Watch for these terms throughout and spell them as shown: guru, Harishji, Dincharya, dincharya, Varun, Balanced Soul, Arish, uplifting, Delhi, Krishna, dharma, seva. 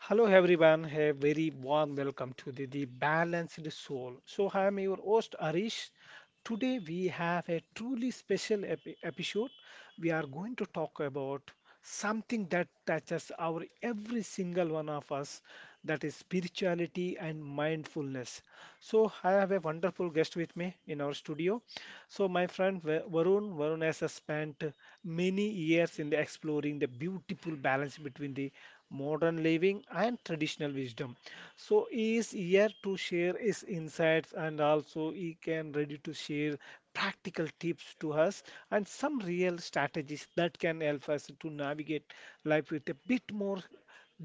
Hello everyone, a very warm welcome to the Balanced Soul. So I am your host Arish. Today we have a truly special episode. We are going to talk about something that touches our every single one of us, that is spirituality and mindfulness. So I have a wonderful guest with me in our studio. So my friend Varun has spent many years in the exploring the beautiful balance between the modern living and traditional wisdom, so he is here to share his insights, and also he can ready to share practical tips to us and some real strategies that can help us to navigate life with a bit more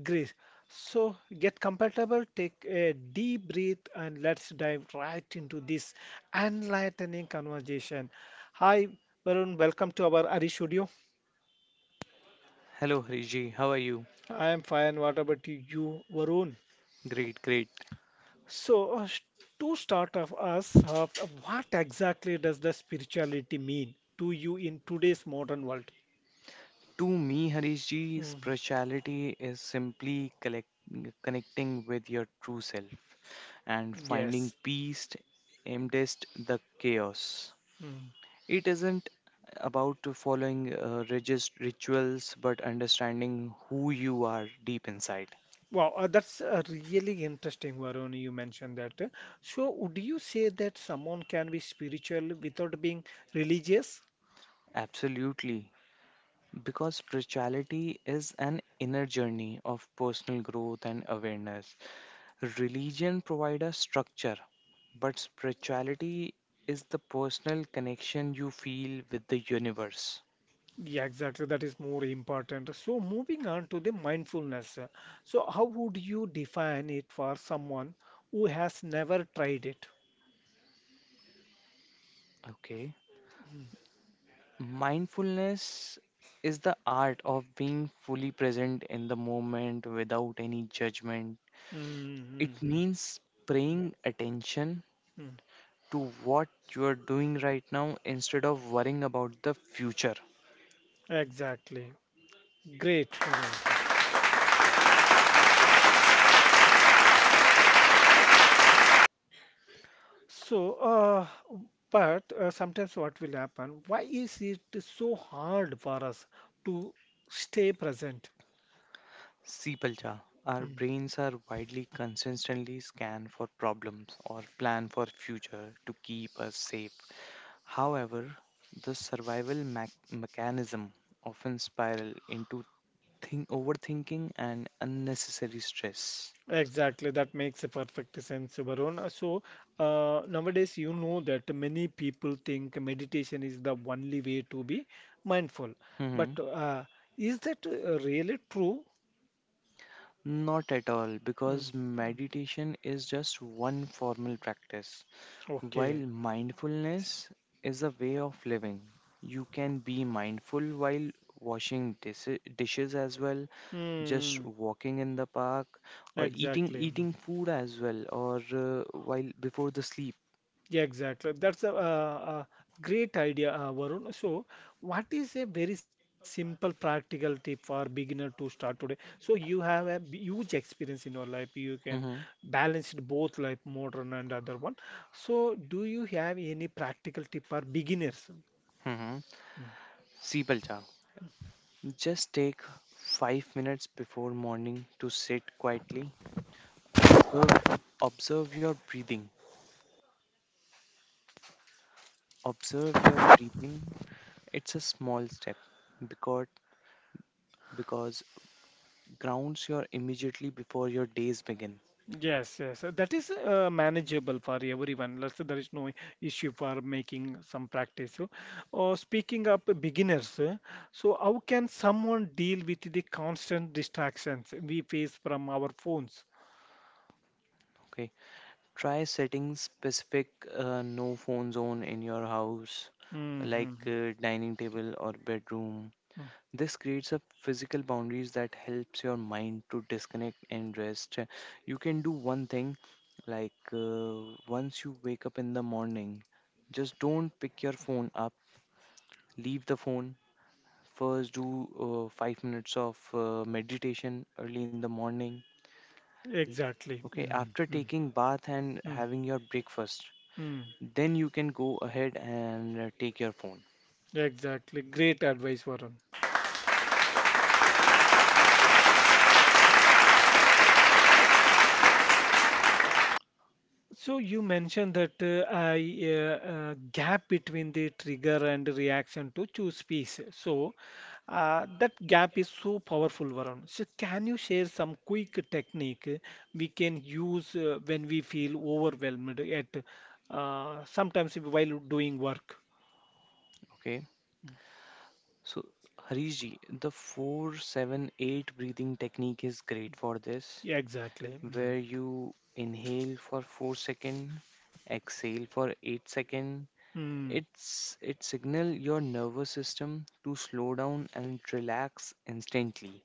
grace. So get comfortable, take a deep breath and let's dive right into this enlightening conversation. Hi Varun, welcome to our Ari Studio. Hello Harishji, how are you? I am fine, what about you, Varun? Great, great. So, to start off us, what exactly does the spirituality mean to you in today's modern world? To me, Harishji, Mhm. spirituality is simply connecting with your true self and finding Yes. peace amidst the chaos. Mm. It isn't about following religious rituals, but understanding who you are deep inside. Wow, that's really interesting, Varun, you mentioned that. So, would you say that someone can be spiritual without being religious? Absolutely. Because spirituality is an inner journey of personal growth and awareness. Religion provides a structure, but spirituality is the personal connection you feel with the universe. Yeah, exactly. That is more important. So, moving on to the mindfulness. So, how would you define it for someone who has never tried it? Okay. Mindfulness is the art of being fully present in the moment without any judgment. It Mm-hmm. means paying attention to what you are doing right now instead of worrying about the future. Exactly. Great, Varun. So, but sometimes what will happen? Why is it so hard for us to stay present? Sipalja, our Mm. brains are widely consistently scanned for problems or plan for future to keep us safe. However, the survival mechanism often spiral into overthinking and unnecessary stress. Exactly, that makes a perfect sense, Varun. So, nowadays, you know that many people think meditation is the only way to be mindful. But Hmm. Is that really true? Not at all, Mm. because meditation is just one formal practice. While Okay. mindfulness is a way of living, you can be mindful while washing dishes as well, just Mm. walking in the park, or eating Exactly. eating food as well, or while before the sleep. Yeah, exactly. That's a great idea, Varun. So, what is a very simple practical tip for beginner to start today? So, you have a huge experience in your life. You can hmm balance it both life, modern and other one. So, do you have any practical tip for beginners? hmm Hmm. See, Balcha, just take 5 minutes before morning to sit quietly. Observe, Observe your breathing. Observe your breathing. It's a small step because because grounds you immediately before your days begin. Yes, yes, that is manageable for everyone. Let's say there is no issue for making some practice. So, speaking of beginners, so how can someone deal with the constant distractions we face from our phones? Okay, try setting specific no phone zone in your house, like Mm-hmm. Dining table or bedroom. Mm. This creates a physical boundaries that helps your mind to disconnect and rest. You can do one thing, like once you wake up in the morning, just don't pick your phone up. Leave the phone. First, do 5 minutes of meditation early in the morning. Exactly. Okay, after Mm-hmm. taking bath and Mm-hmm. having your breakfast, Mm. then you can go ahead and take your phone. Exactly. Great advice, Varun. So you mentioned that gap between the trigger and reaction to choose peace. So that gap is so powerful, Varun. So can you share some quick technique we can use when we feel overwhelmed at sometimes while doing work? Okay. So Harish ji, the 478 breathing technique is great for this, Yeah, exactly. where you inhale for 4 seconds, exhale for 8 seconds. Mm. Mm. It signal your nervous system to slow down and relax instantly.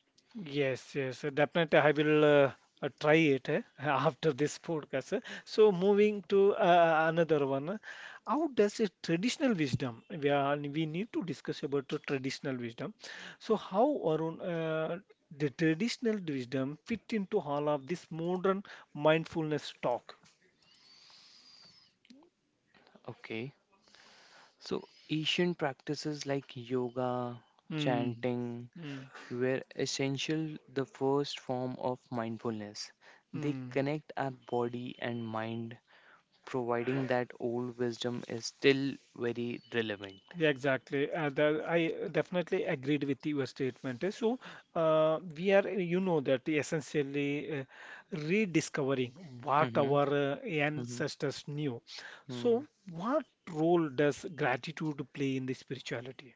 Yes, yes, definitely. I will try it after this podcast. Eh. So, moving to another one, how does a traditional wisdom? We need to discuss about the traditional wisdom. So, how Arun, the traditional wisdom fit into all of this modern mindfulness talk? Okay. So Asian practices like yoga, Hmm. chanting, Hmm. were essential the first form of mindfulness. They Hmm. connect our body and mind, providing that old wisdom is still very relevant. Yeah, exactly. I definitely agreed with your statement. So, we are, that essentially rediscovering what Mm-hmm. our hmm ancestors knew. Mm. So, what role does gratitude play in the spirituality?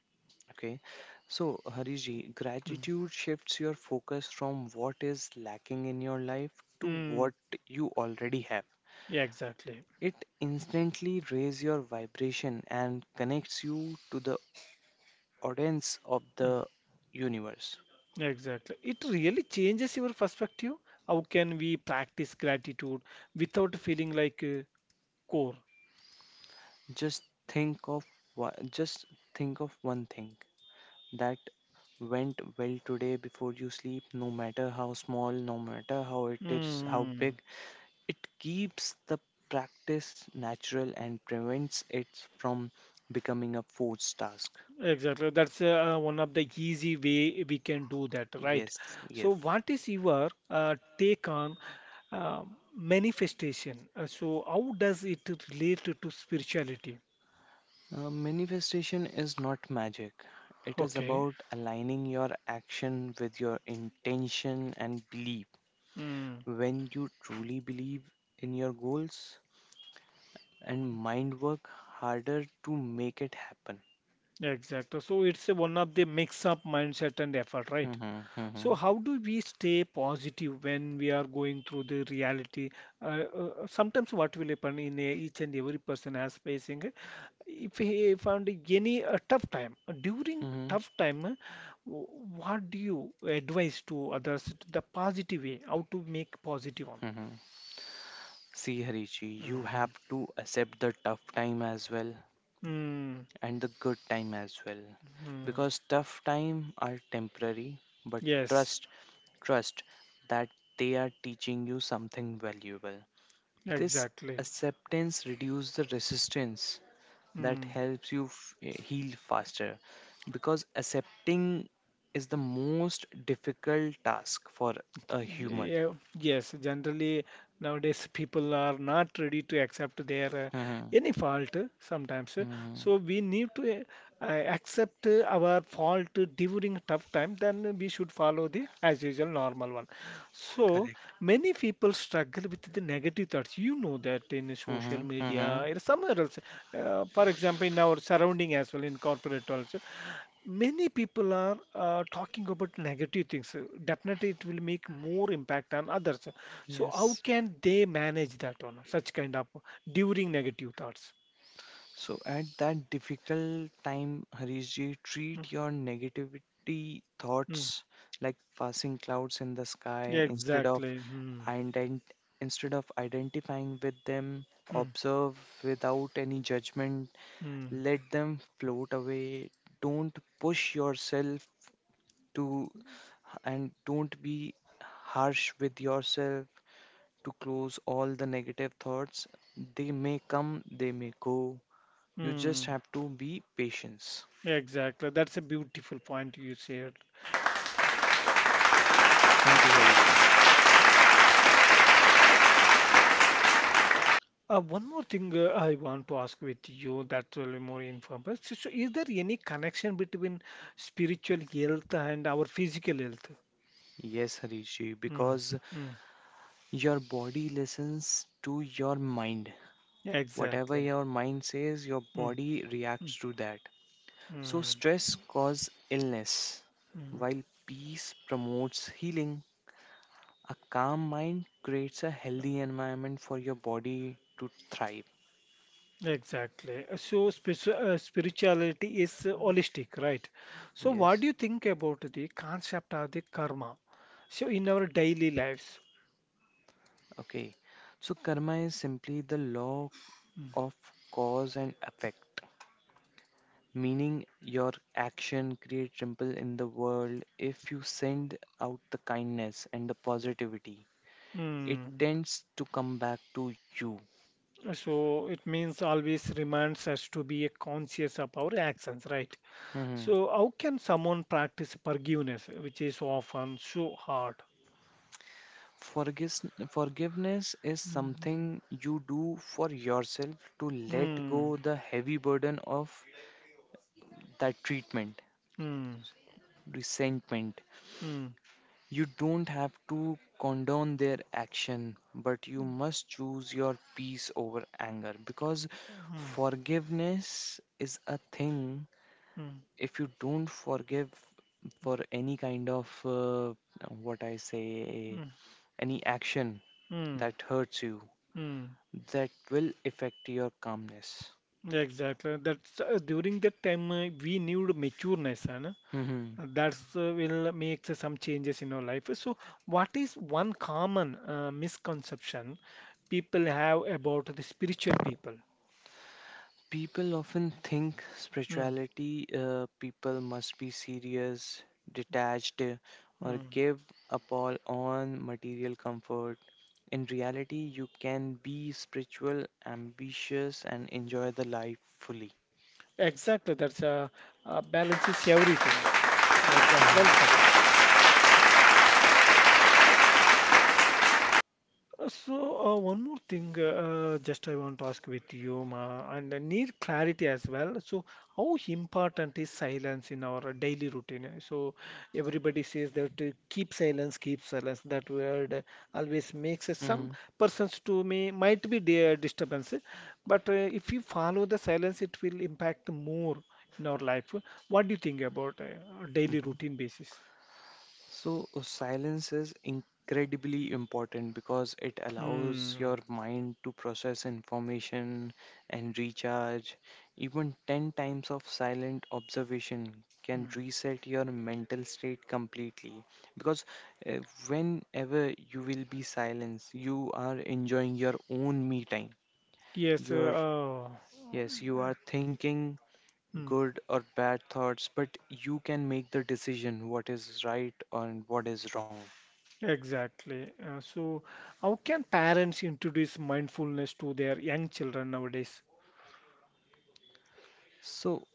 Okay. So, Hariji, Mm. gratitude shifts your focus from what is lacking in your life to Mm, what you already have. yeah, exactly. It instantly raises your vibration and connects you to the audience of the Mm, universe. yeah, exactly. It really changes your perspective. How can we practice gratitude without feeling like a core? Just think of just think of one thing that went well today before you sleep, no matter how small, no matter how it is, how Mm. big. It keeps the practice natural and prevents it from becoming a forced task. Exactly. That's one of the easy way we can do that, right? Yes, So, yes. what is your take on uh, manifestation? So, how does it relate to spirituality? Manifestation is not magic. It is Okay. about aligning your action with your intention and belief. Mm, When you truly believe in your goals and mind work harder to make it happen. exactly. So, it's one of the mix-up mindset and effort, right? hmm So, hmm how do we stay positive when we are going through the reality? Sometimes, what will happen in a, each and every person has facing, if he found any tough time during hmm tough time, w- what do you advise to others, to the positive way, how to make positive one? hmm See, Harichi, you have to accept the tough time as well Mm-hmm. and the good time as well. Because tough time are temporary, but Yes, trust that they are teaching you something valuable. This exactly. acceptance reduces the resistance that Mm. helps you heal faster because accepting is the most difficult task for a human. Yeah, yes, generally nowadays people are not ready to accept their hmm any fault sometimes. Hmm So we need to accept our fault during tough time, then we should follow the as usual normal one. So Correct. many people struggle with the negative thoughts. You know that in hmm social hmm media or somewhere else. For example, in our surrounding as well, in corporate also many people are talking about negative things. Definitely, it will make more impact on others. So, how Yes. can they manage that one? Such kind of during negative thoughts. So at that difficult time, Harishji, Mm, treat your negativity mm. thoughts like passing clouds in the sky Exactly. Mm, ident- instead of identifying with them, mm, observe without any judgment, mm, let them float away, don't push yourself to and don't be harsh with yourself to close all the negative thoughts, they may come they may go, you just mm. have to be patience. Exactly. That's a beautiful point you shared. Thank you, Hariji. One more thing I want to ask with you that will be more informed. So, is there any connection between spiritual health and our physical health? Yes, Harishi, Mm, because mm. your body listens to your mind, whatever Exactly. your mind says your Mm, body mm, reacts to that, so mm, stress causes illness mm. while peace promotes healing. A calm mind creates a healthy environment for your body to thrive. Exactly. So spirituality is holistic, right? So what Yes, do you think about the concept of the karma? So in our daily lives. okay. So, karma is simply the law of cause and effect, meaning your action creates ripple in the world. If you send out the kindness and the positivity, it Mm. tends to come back to you. Mm. So it means always reminds us to be conscious of our actions, right? hmm So how can someone practice forgiveness, which is often so hard? Forgiveness is Mm. something you do for yourself to let Mm, go the heavy burden of that treatment mm, resentment. mm, You don't have to condone their action, but you must choose your peace over anger because mm, forgiveness is a thing. mm, If you don't forgive for any kind of what I say, mm, any action mm, that hurts you, mm. that will affect your calmness. Exactly. That's during that time we need matureness, and that's will make some changes in our life. So, what is one common misconception people have about the spiritual people? People often think Mm, spirituality people must be serious, detached, or mm. give up all on material comfort. In reality, you can be spiritual, ambitious, and enjoy the life fully. Exactly. That's balance is everything. Exact. Well Mhm. said. So, one more thing, just I want to ask with you, Ma, and I need clarity as well. So, how important is silence in our daily routine? So, everybody says that keep silence, keep silence. That word always makes some Mhm, persons to me might be their disturbance, but if you follow the silence, it will impact more in our life. What do you think about daily mhm. routine basis? Silence is incredibly important because it allows Mm. your mind to process information and recharge. Even 10 times of silent observation can Mm. reset your mental state completely. Because uh, whenever you will be silenced, you are enjoying your own me time. Yes. You're, yes, you are thinking Mm. good or bad thoughts, but you can make the decision what is right and what is wrong. Exactly. So, how can parents introduce mindfulness to their young children nowadays? So,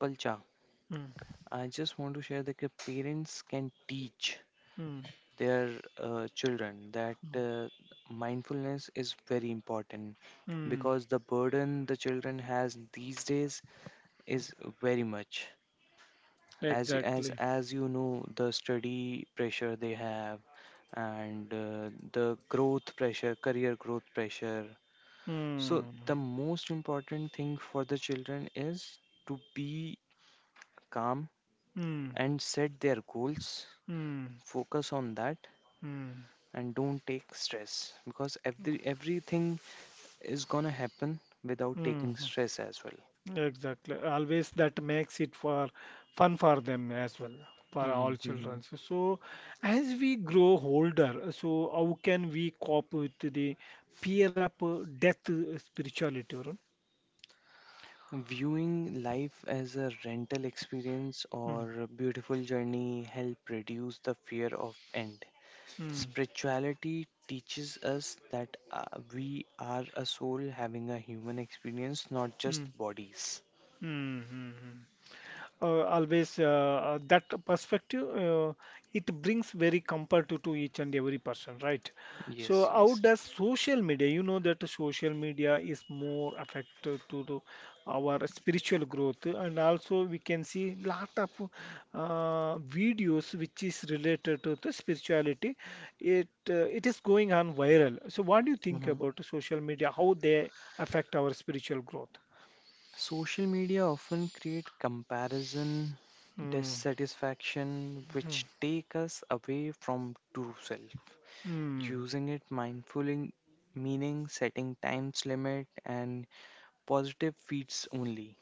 Palcha, Mm, I just want to share that the parents can teach mm, their children that mindfulness is very important mm, because the burden the children has these days is very much. As y- as exactly. as you know, the study pressure they have and the growth pressure, career growth pressure. So Mm, the most important thing for the children is to be calm mm, and set their goals, mm, focus on that, mm, and don't take stress because everything is gonna happen without mm, taking stress as well. exactly. Always that makes it for fun for them as well, for all Mhm, mhm. children. So, as we grow older, so how can we cope with the fear of death spirituality, Varun? Viewing life as a rental experience Mm, or a beautiful journey help reduce the fear of end. mm, Spirituality teaches us that we are a soul having a human experience, not just mm. bodies. Mm-hmm. Always that perspective, it brings very comfort to each and every person, right? So how Yes, does social media, you know that social media is more affected to our spiritual growth, and also we can see lot of videos which is related to the spirituality. It is going on viral, so what do you think about yes. social media, how they affect our spiritual growth? Social media often create comparison, Mm-hmm. dissatisfaction, which take us away from true self. Mm, Using it mindfully, meaning setting times limit and positive feeds only.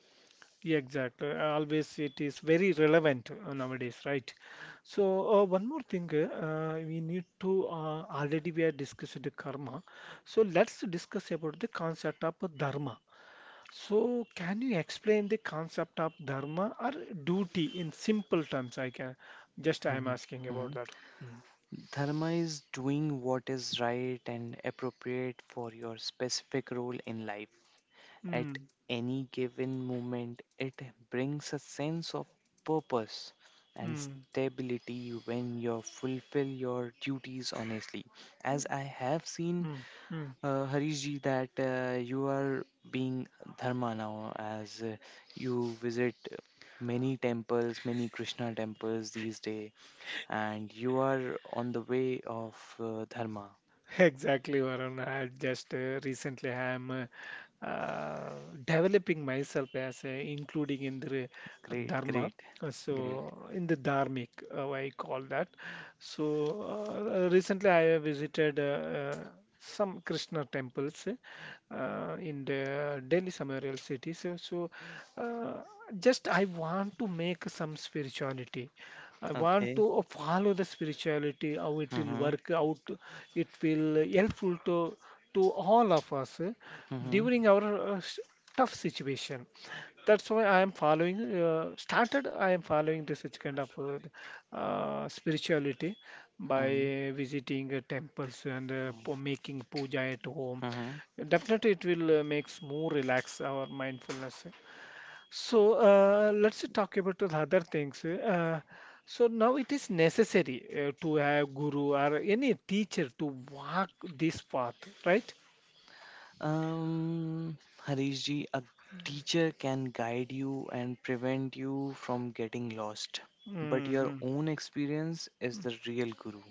yeah, exactly. Always it is very relevant nowadays, right? So one more thing, we need to already we have discussed the karma. So let's discuss about the concept of dharma. So can you explain the concept of dharma or duty in simple terms? I can just I am Mhm, asking about mhm. that one. Mm. Dharma is doing what is right and appropriate for your specific role in life. At Mm, any given moment, it brings a sense of purpose and mm, stability when you fulfill your duties honestly. As I have seen, mm, mm. Harish ji, that you are being dharma now, as you visit many temples, many Krishna temples these days, and you are on the way of dharma. Exactly, Varun. I just recently I am uh, developing myself as including in the Great, dharma, great, great. so in the dharmic I call that. So recently I have visited some Krishna temples in the Delhi somewhere else city. So uh, just I want to make some spirituality, I want Okay. to follow the spirituality, how it will Mm-hmm. work out, it will helpful to all of us Mm-hmm. during our tough situation. That's why I am following, I am following this such kind of spirituality Mm-hmm. by visiting temples and making puja at home. Mhm. Definitely, it will makes more relax our mindfulness. So let's talk about the other things. So now it is necessary to have guru or any teacher to walk this path, right? Um, Harish ji, a teacher can guide you and prevent you from getting lost, but your Mhm. own experience is the real guru.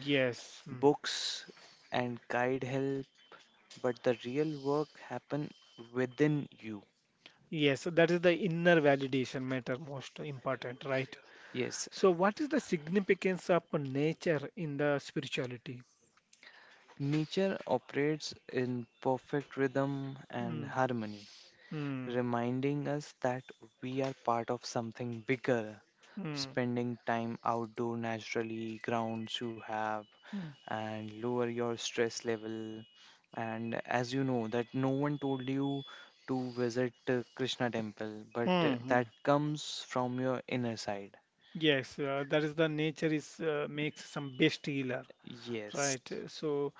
Yes, mm, Books and guide help, but the real work happen within you. yes, so that is the inner validation matter most important, right? Yes, So, what is the significance of nature in the spirituality? nature operates in perfect rhythm and Mm, harmony, mm, reminding us that we are part of something bigger, mm, spending time outdoor naturally grounds you have mm, and lower your stress level. And as you know that no one told you to visit krishna temple, but mm, that mm. comes from your inner side. Yes, that is the nature is makes some best healer, Yes, right? So,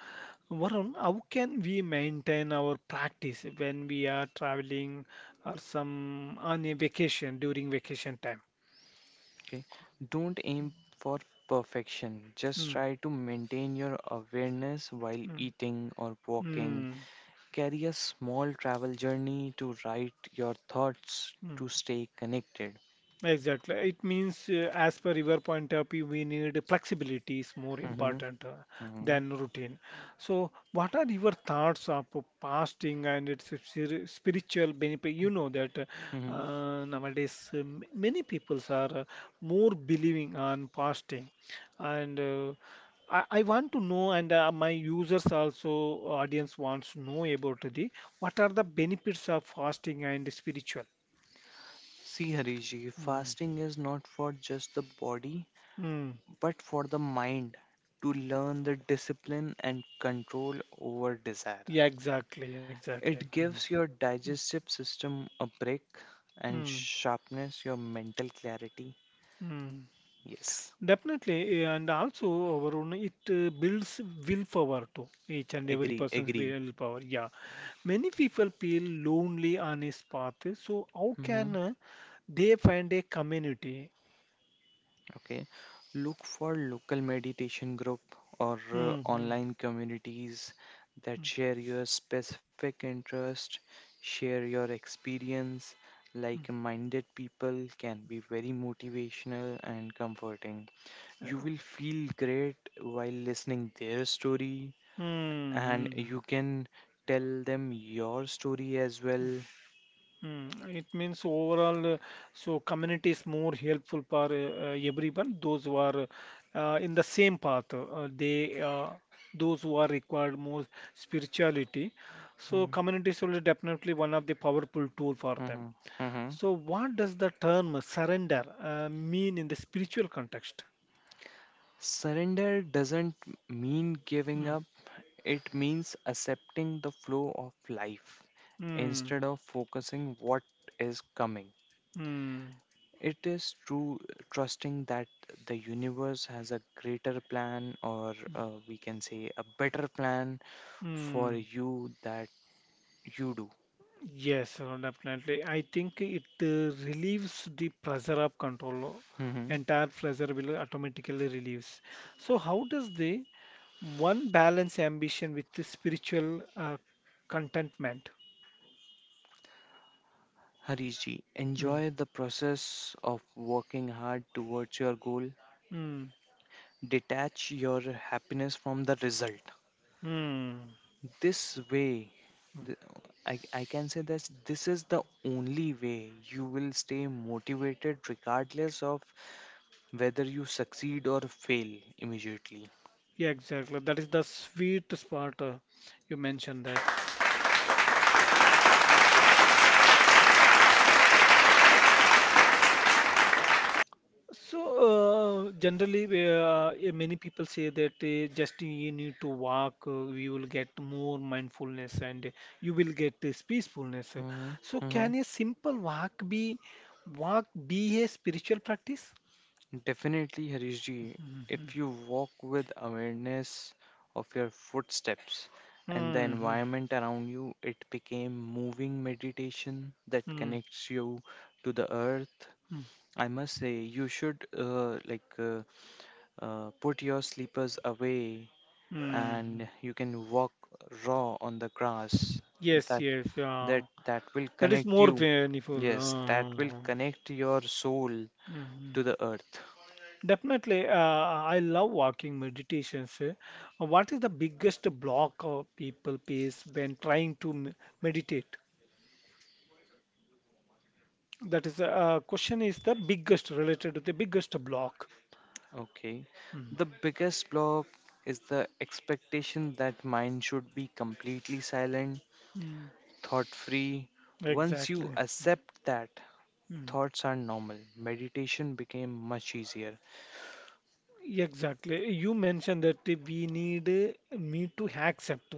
Varun, how can we maintain our practice when we are traveling or some on a vacation during vacation time? okay, don't aim for perfection, just Hmm. try to maintain your awareness while Hmm. eating or walking, Hmm. carry a small travel journey to write your thoughts Hmm. to stay connected. Exactly. It means, as per your point of view, we need flexibility is more Mm-hmm. important Mhm, than routine. So, what are your thoughts of fasting and its spiritual benefit? You know that mhm. Nowadays many peoples are more believing on fasting, and I want to know, and my users also audience wants to know about the what are the benefits of fasting and spiritual. See, Hariji, fasting is not for just the body, Mm. but for the mind to learn the discipline and control over desire. Yeah, exactly, exactly. It Mm. gives your Mm, digestive system a break and mm. sharpness your mental clarity. Mm. Yes, Definitely, and also, Varun, it builds willpower too, each and every agree, person's agree. willpower. Yeah, many people feel lonely on his path, so how Mm-hmm. can they find a community? Okay, look for local meditation group or Mm-hmm. online communities that share your specific interest, share your experience. Like-minded people can be very motivational and comforting. You will feel great while listening their story, and Mm-hmm. you can tell them your story as well. It means overall, so community is more helpful for everyone, those who are in the same path, they those who are required more spirituality. So community is will definitely one of the powerful tool for them. Mm-hmm. So what does the term surrender mean in the spiritual context? Surrender doesn't mean giving Mm, up. It means accepting the flow of life mm, instead of focusing what is coming. mm, It is true trusting that the universe has a greater plan or we can say a better plan mm. for you that you do. Yes, definitely. I think it relieves the pressure of control. hmm Entire pressure will automatically relieves. So how does the one balance ambition with the spiritual contentment? Harish ji, Mm. enjoy the process of working hard towards your goal. Mm. Detach your happiness from the result. Mm. This way the- I can say that this is the only way you will stay motivated regardless of whether you succeed or fail immediately. Yeah, exactly. That is the sweet spot you mentioned that. So, generally, many people say that just you need to walk, you will get more mindfulness and you will get this peacefulness. hmm So, hmm can a simple walk be a spiritual practice? Definitely, harishji, Mhm. if you walk with awareness of your footsteps and the Hmm. environment around you, it became moving meditation that Hmm. connects you to the earth. Hmm. hmm. I must say you should put your slippers away and Hmm. you can walk raw on the grass. Yes, That yes. That will That is connect more you. painful. Yes, that will connect your soul mhm. to the earth. Definitely, I love walking meditations. Eh. What is the biggest block of people face when trying to meditate? That is, question is the biggest related to the biggest block. Okay. Mm. The biggest block is the expectation that mind should be completely silent, Mm. thought free. Once you Exactly. accept that Hmm. thoughts are normal, meditation became much easier. Exactly. You mentioned that we need me to accept.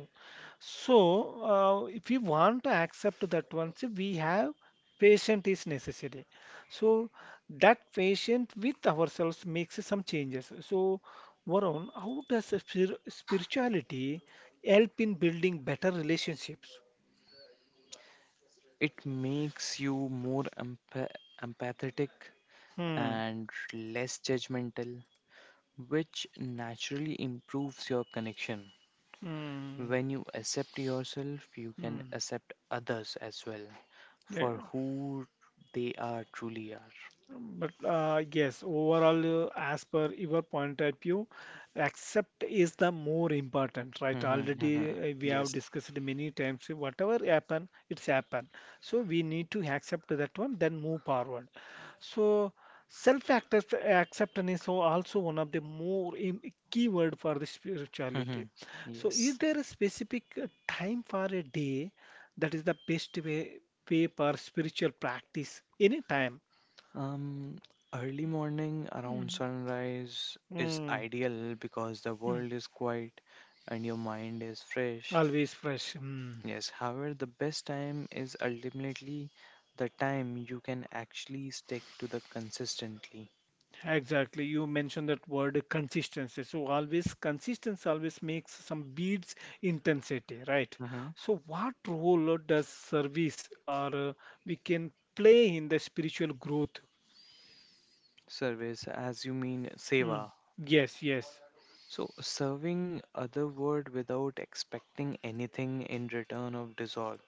So, if we want to accept that once we have patient is necessary. So that patient with ourselves makes some changes. So, Varun, how does a spirituality help in building better relationships? It makes you more empathetic Hmm. and less judgmental, which naturally improves your connection. Hmm. When you accept yourself, you can Hmm. accept others as well Yeah. for who they are truly are. But yes, overall, as per your point of view, accept is the more important, right? Mhm, mhm. Already we have Yes. discussed many times. Whatever happen, it's happened. So we need to accept that one, then move forward. So self-acceptance is so also one of the more key word for the spirituality. Mhm. So is Yes. there a specific time for a day that is the best way, way for spiritual practice? Any time. Um, early morning around sunrise is Mm, ideal because the mm, world is quiet and your mind is fresh. always fresh. Yes, however, the best time is ultimately the time you can actually stick to the consistently. Exactly. You mentioned that word consistency. So always consistency always makes some beats intensity, right? hmm So what role does service or we can play in the spiritual growth? Service, as you mean Mm, seva. yes, yes. So, serving other word without expecting anything in return of dissolve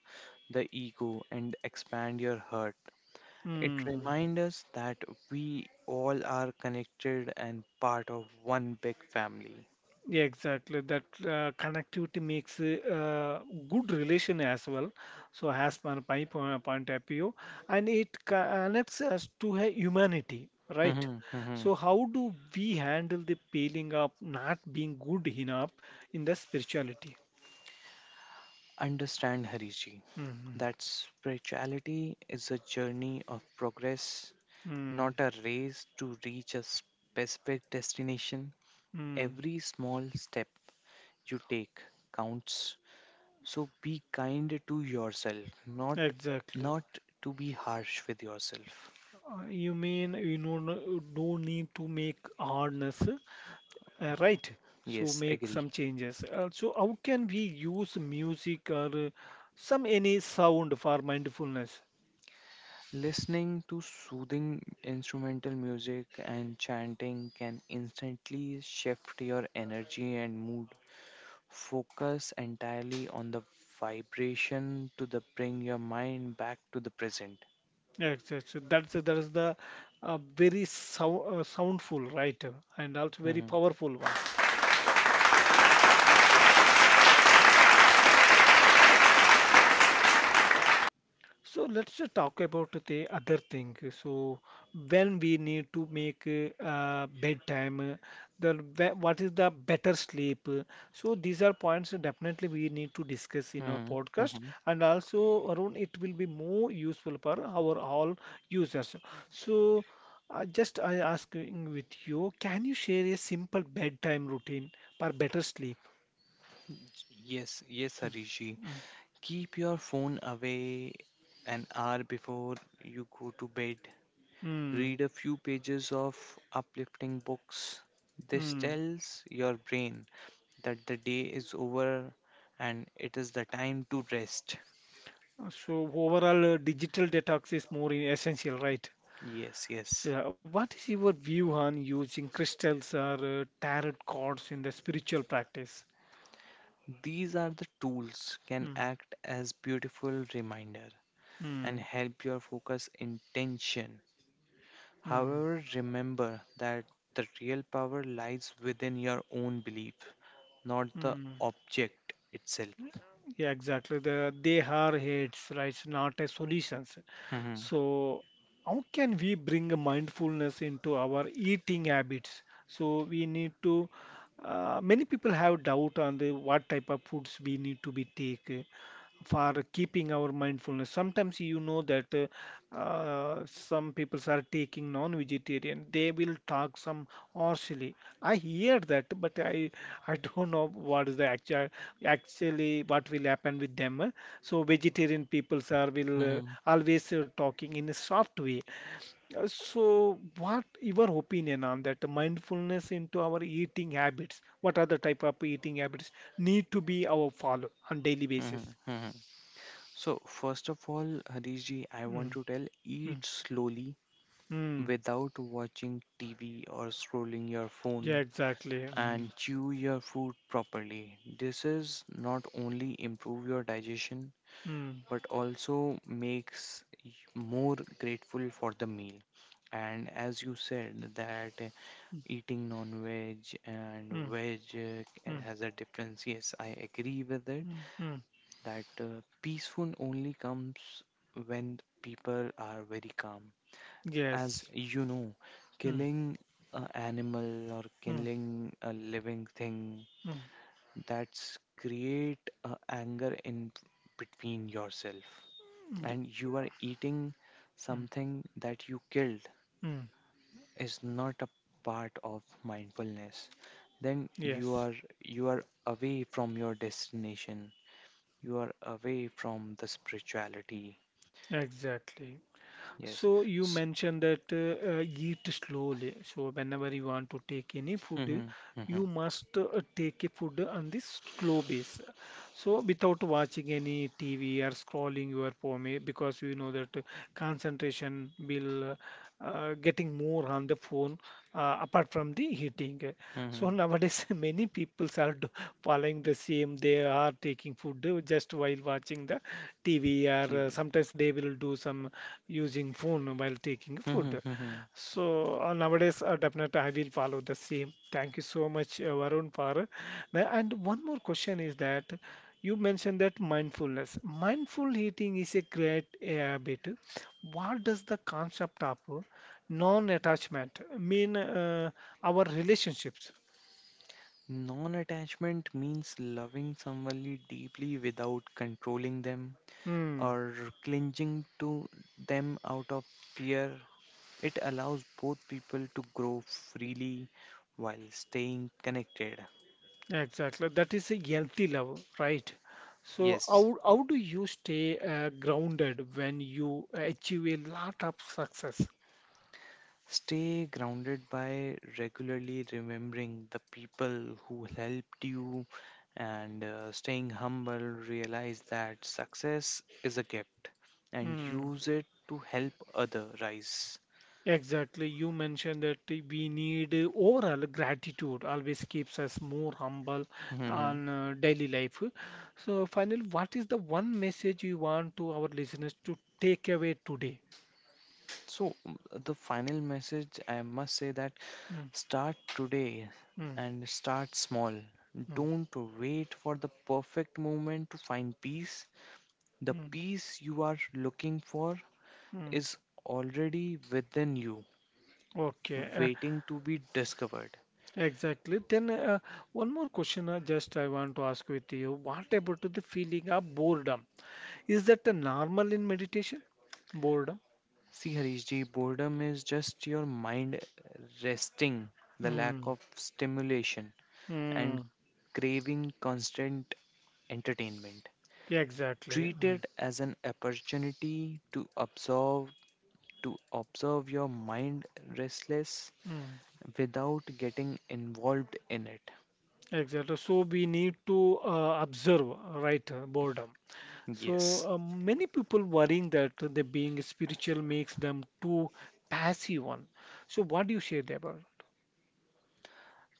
the ego and expand your heart. It Mm, reminds us that we all are connected and part of one big family. yeah, exactly. That connectivity makes a good relation as well. So, as per my point of view, and it connects us to a humanity, right? Mhm, mhm. So, how do we handle the feeling of not being good enough in the spirituality? Understand, Hariji, hmm that spirituality is a journey of progress, not Mm, a race to reach a specific destination. mm, Every small step you take counts. So be kind to yourself, not exactly. not to be harsh with yourself. You mean you no need to make hardness. Right. So Yes, make agree. some changes. So how can we use music or some any sound for mindfulness? Listening to soothing instrumental music and chanting can instantly shift your energy and mood. Focus entirely on the vibration to the bring your mind back to the present. Yes, yes, so that is the very sound soundful, right? And also very hmm powerful one. So let's just talk about the other thing. So when we need to make bedtime, the what is the better sleep? So these are points definitely we need to discuss in our hmm podcast, hmm and also Arun, it will be more useful for our all users. So just I asking with you, can you share a simple bedtime routine for better sleep? Yes, yes, Harishi. Mm, Keep your phone away an hour before you go to bed. mm, Read a few pages of uplifting books. This mm. tells your brain that the day is over and it is the time to rest. So overall, digital detox is more essential, right? Yes, yes. So what is your view on using crystals or tarot cards in the spiritual practice? These are the tools can Mm, act as beautiful reminder and mm, help your focus intention. mm, However, remember that the real power lies within your own belief, not mm. the object itself. Yeah, exactly. They are heads, right? So not a solutions. Mhm, So, how can we bring mindfulness into our eating habits? So, we need to. Many people have doubt on the what type of foods we need to be take for keeping our mindfulness. Sometimes you know that some people are taking non-vegetarian. They will talk some or silly. I hear that, but I don't know what is the actual actually what will happen with them. So vegetarian people are will mhm, always talking in a soft way. So what your opinion on that mindfulness into our eating habits? What other type of eating habits need to be our follow on daily mhm, mhm, basis? mhm. So, first of all, Harish ji, I Mm, want to tell mm, eat slowly mm. without watching TV or scrolling your Yeah, phone exactly. And chew your food properly. This is not only improve your digestion mm, but also makes more grateful for the meal. And as you said that eating non-veg and mm, veg mm, has a difference. Yes, I agree with it mm, mm. that peaceful only comes when people are very calm. As Yes. you know, Mm, killing an animal or mm. killing a living thing mm. that's create anger in between yourself Y- and you are eating mm, something that you killed mm, is not a part of mindfulness then you yes, are you are away from your destination, you are away from the spirituality. exactly. Yes. So you S- mentioned that eat slowly. So whenever you want to take any food, Mhm, mhm, you must take a food on this slow base. So without watching any TV or scrolling your phone, because you know that concentration will getting more on the phone apart from the eating. So mhm. nowadays many people are following the same. They are taking food just while watching the TV or TV. sometimes they will do some using phone while taking Mhm, food. mhm. So nowadays, definitely I will follow the same. Thank you so much, Varun, for now. And one more question is that you mentioned that mindfulness. Mindful eating is a great habit. What does the concept of non-attachment mean? Our relationships. Non-attachment means loving somebody deeply without controlling them Hmm. or clinging to them out of fear. It allows both people to grow freely while staying connected. Exactly. That is a healthy level, right? So Yes. how do you stay grounded when you achieve a lot of success? Stay grounded by regularly remembering the people who helped you and staying humble. Realize that success is a gift and Hmm. use it to help other rise. Exactly. You mentioned that we need overall gratitude always keeps us more humble Mhm. on daily life. So finally, what is the one message you want to our listeners to take away today? So, the final message I must say that Hmm. start today Hmm. and start small. Hmm. Don't wait for the perfect moment to find peace. The Hmm. peace you are looking for Hmm. is already within you, Okay. Waiting to be discovered. Exactly. Then one more question I just I want to ask with you. What about the feeling of boredom? Is that a normal in meditation? Boredom? See, Harish ji, boredom is just your mind resting, the lack Mm. of stimulation, and Mm. craving constant entertainment. Exactly. Treat it as an opportunity to observe your mind restless Mm. Mm. without getting involved in it. Exactly. So we need to observe, right, boredom. So Yes. Many people worrying that the being spiritual makes them too passive one. So what do you say, Deborah?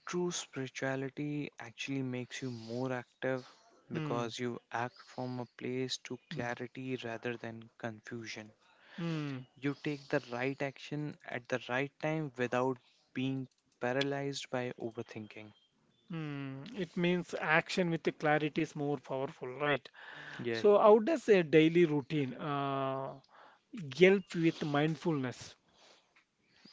True spirituality actually makes you more active Mm. because you act from a place to clarity rather than confusion. Mm. You take the right action at the right time without being paralyzed by overthinking. It means action with the clarity is more powerful, right? Yeah. So, how does a daily routine help with mindfulness?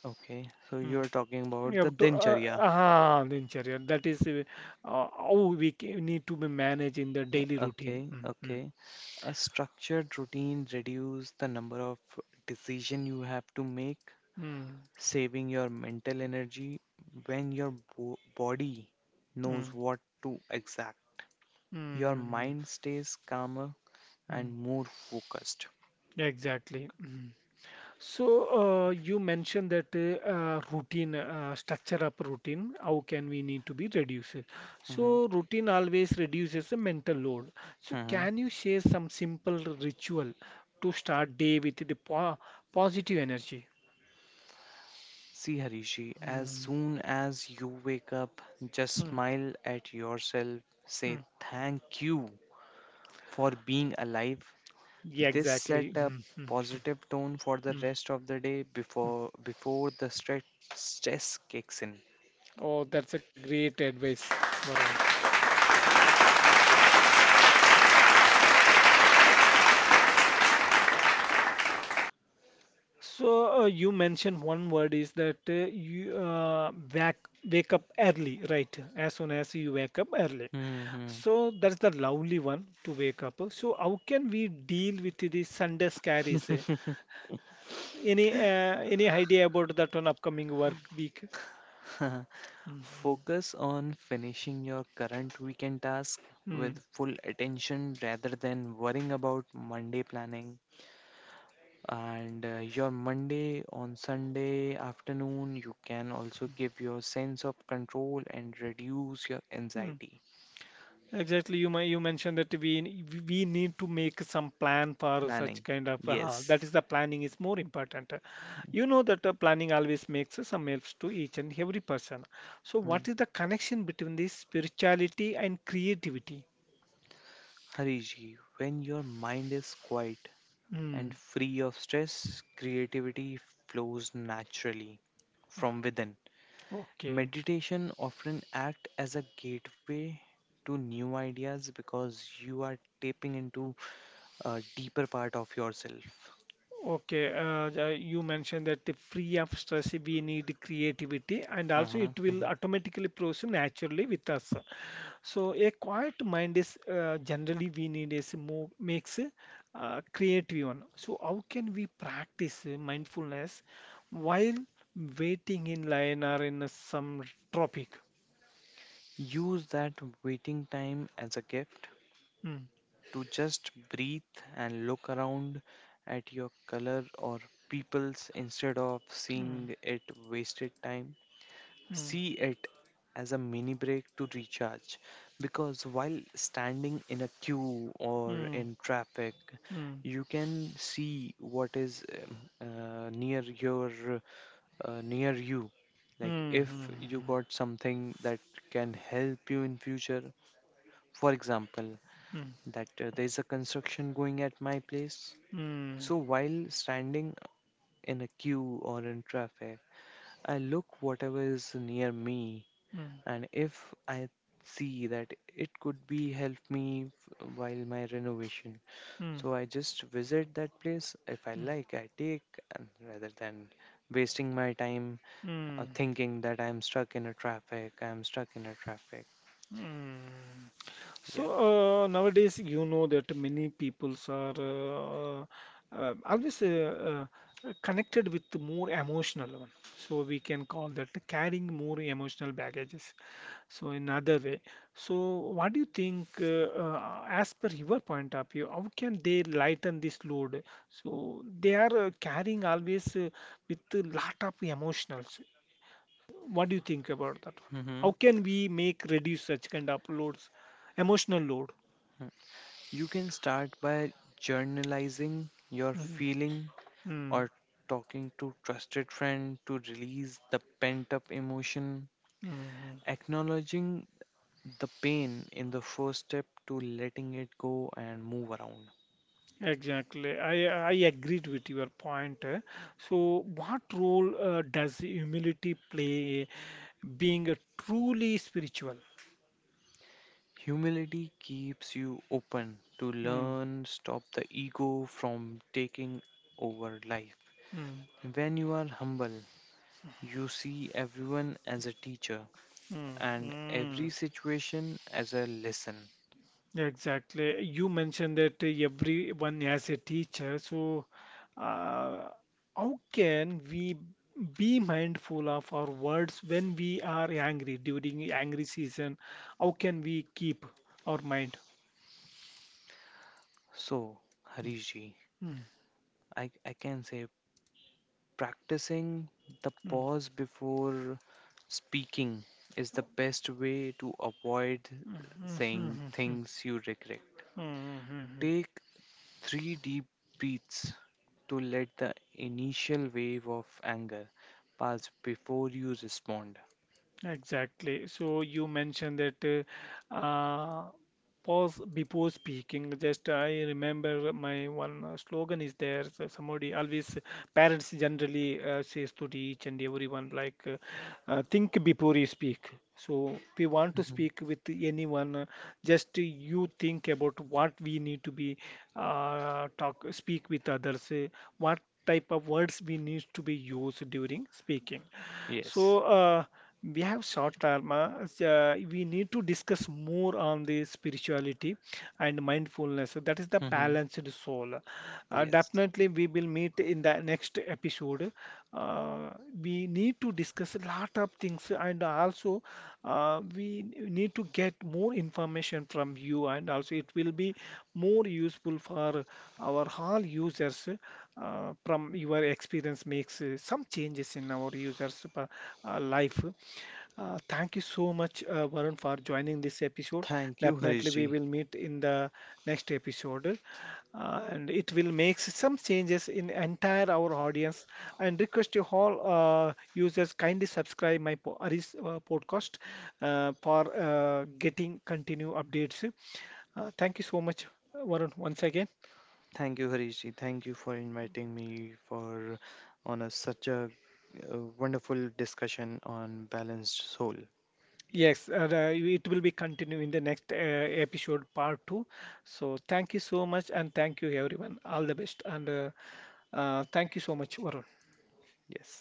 Okay, so you're Mm. talking You about the have to, dincharya. Dincharya, that is how we need to be managed in the Yeah, daily routine. okay, okay. A structured routine reduces the number of decision you have to make, mm, saving your mental energy when your body knows mm, what to exact. Your mm, mind stays calmer and mm. more focused. Exactly. Mm. So, you mentioned that routine, structure up routine, how can we need to be reduced? Mhm, So, routine always reduces the mental load. So, mhm. can you share some simple ritual to start day with the po positive energy? See, Harishi, as Mm, soon as you wake up, just mm, smile at yourself, say mm. thank you for being alive. Yeah, This set exactly. a positive tone for the mm, rest of the day mm. before the stress kicks in. Oh, that's a great advice, Varun. So, you mentioned one word is that wake up early, right? As soon as you wake up early. Yes. Mhm. So, that's the lovely one to wake up. So, how can we deal with the Sunday scaries? Eh? Any idea about that on upcoming work week? Mm, Focus on finishing your current weekend task with mm, full attention rather than worrying about Monday planning. And your Monday on Sunday afternoon, you can also give your sense of control and reduce your mm. anxiety. Exactly, you you mentioned that we we need to make some plan for such Planning. kind of Yes. that is the planning is more important. You know that planning always makes some helps to each and every person. So Mm. what is the connection between this spirituality and creativity? Hariji, when your mind is quiet and Hmm. free of stress, creativity flows naturally from within. Okay. Meditation often acts as a gateway to new ideas because you are tapping into a deeper part of yourself. Okay. You mentioned that the free of stress, we need creativity, and also hmm it will hmm automatically flows naturally with us. So a quiet mind is generally we need is more makes creative one. So how can we practice mindfulness while waiting in line or in some topic? Use that waiting time as a gift Mm, to just breathe and look around at your color or peoples instead of seeing mm, it wasted time. mm, See it as a mini break to recharge because while standing in a queue or mm, in traffic, mm, you can see what is near your near you, like mm, if you mm, got something that can help you in future, for example mm, that there is a construction going at my place, mm, so while standing in a queue or in traffic, I look whatever is near me, mm, and if I see that it could be help me while my renovation, mm, mm, so I just visit that place. If I mm, like, I take, and rather than wasting my time mm. thinking that I'm stuck in a traffic, I'm stuck in a traffic. Mm. Yeah. So nowadays, you know that many peoples are always connected with the more emotional one. So we can call that carrying more emotional baggages. So in other way. So what do you think, as per your point of view, how can they lighten this load? So they are carrying always with a lot of emotions. What do you think about that one? hmm How can we make reduce such kind of loads, emotional load? You can start by journalizing your Mm, feeling mm, or talking to trusted friend to release the pent up emotion. mm. Acknowledging the pain in the first step to letting it go and move around. Exactly. I agreed with your point. Eh. So, what role does humility play being a truly spiritual? Humility keeps you open to Mm, learn, stop the ego from taking over life. mm, When you are humble, you see everyone as a teacher mm, and mm. every situation as a lesson. Exactly. You mentioned that everyone has a teacher. So, uh, how can we be mindful of our words when we are angry during angry season? How can we keep our mind? So, Harish ji, Mm, I can say practicing the mm, mm, pause before speaking is the best way to avoid mm, saying mm, things you regret. mm, mm, mm, Take 3 deep breaths to let the initial wave of anger pass before you respond. Exactly. So you mentioned that uh, uh, pause before speaking. Just I remember my one slogan is there. So somebody always parents generally says to teach and everyone like think before you speak. So if you want to Mhm. speak with anyone, just you think about what we need to be talk speak with others. What type of words we need to be used during speaking Yes. so we have short dharma. We need to discuss more on the spirituality and mindfulness. That is the hmm balanced soul. Yes. Definitely, we will meet in the next episode. Uh, we need to discuss a lot of things, and also we need to get more information from you, and also it will be more useful for our all users. From your experience, makes some changes in our users' life. Thank you so much, Varun, for joining this episode. Thank you, Definitely, we Harishji. will meet in the next episode, and it will make some changes in entire our audience. And request you all users kindly subscribe my Aris podcast for getting continue updates. Thank you so much, Varun, once again. Thank you, Harishji. Thank you for inviting me for on a such a, wonderful discussion on balanced soul. Yes, it will be continued in the next episode, part two. So thank you so much, and thank you everyone. All the best, and thank you so much, Varun. Yes.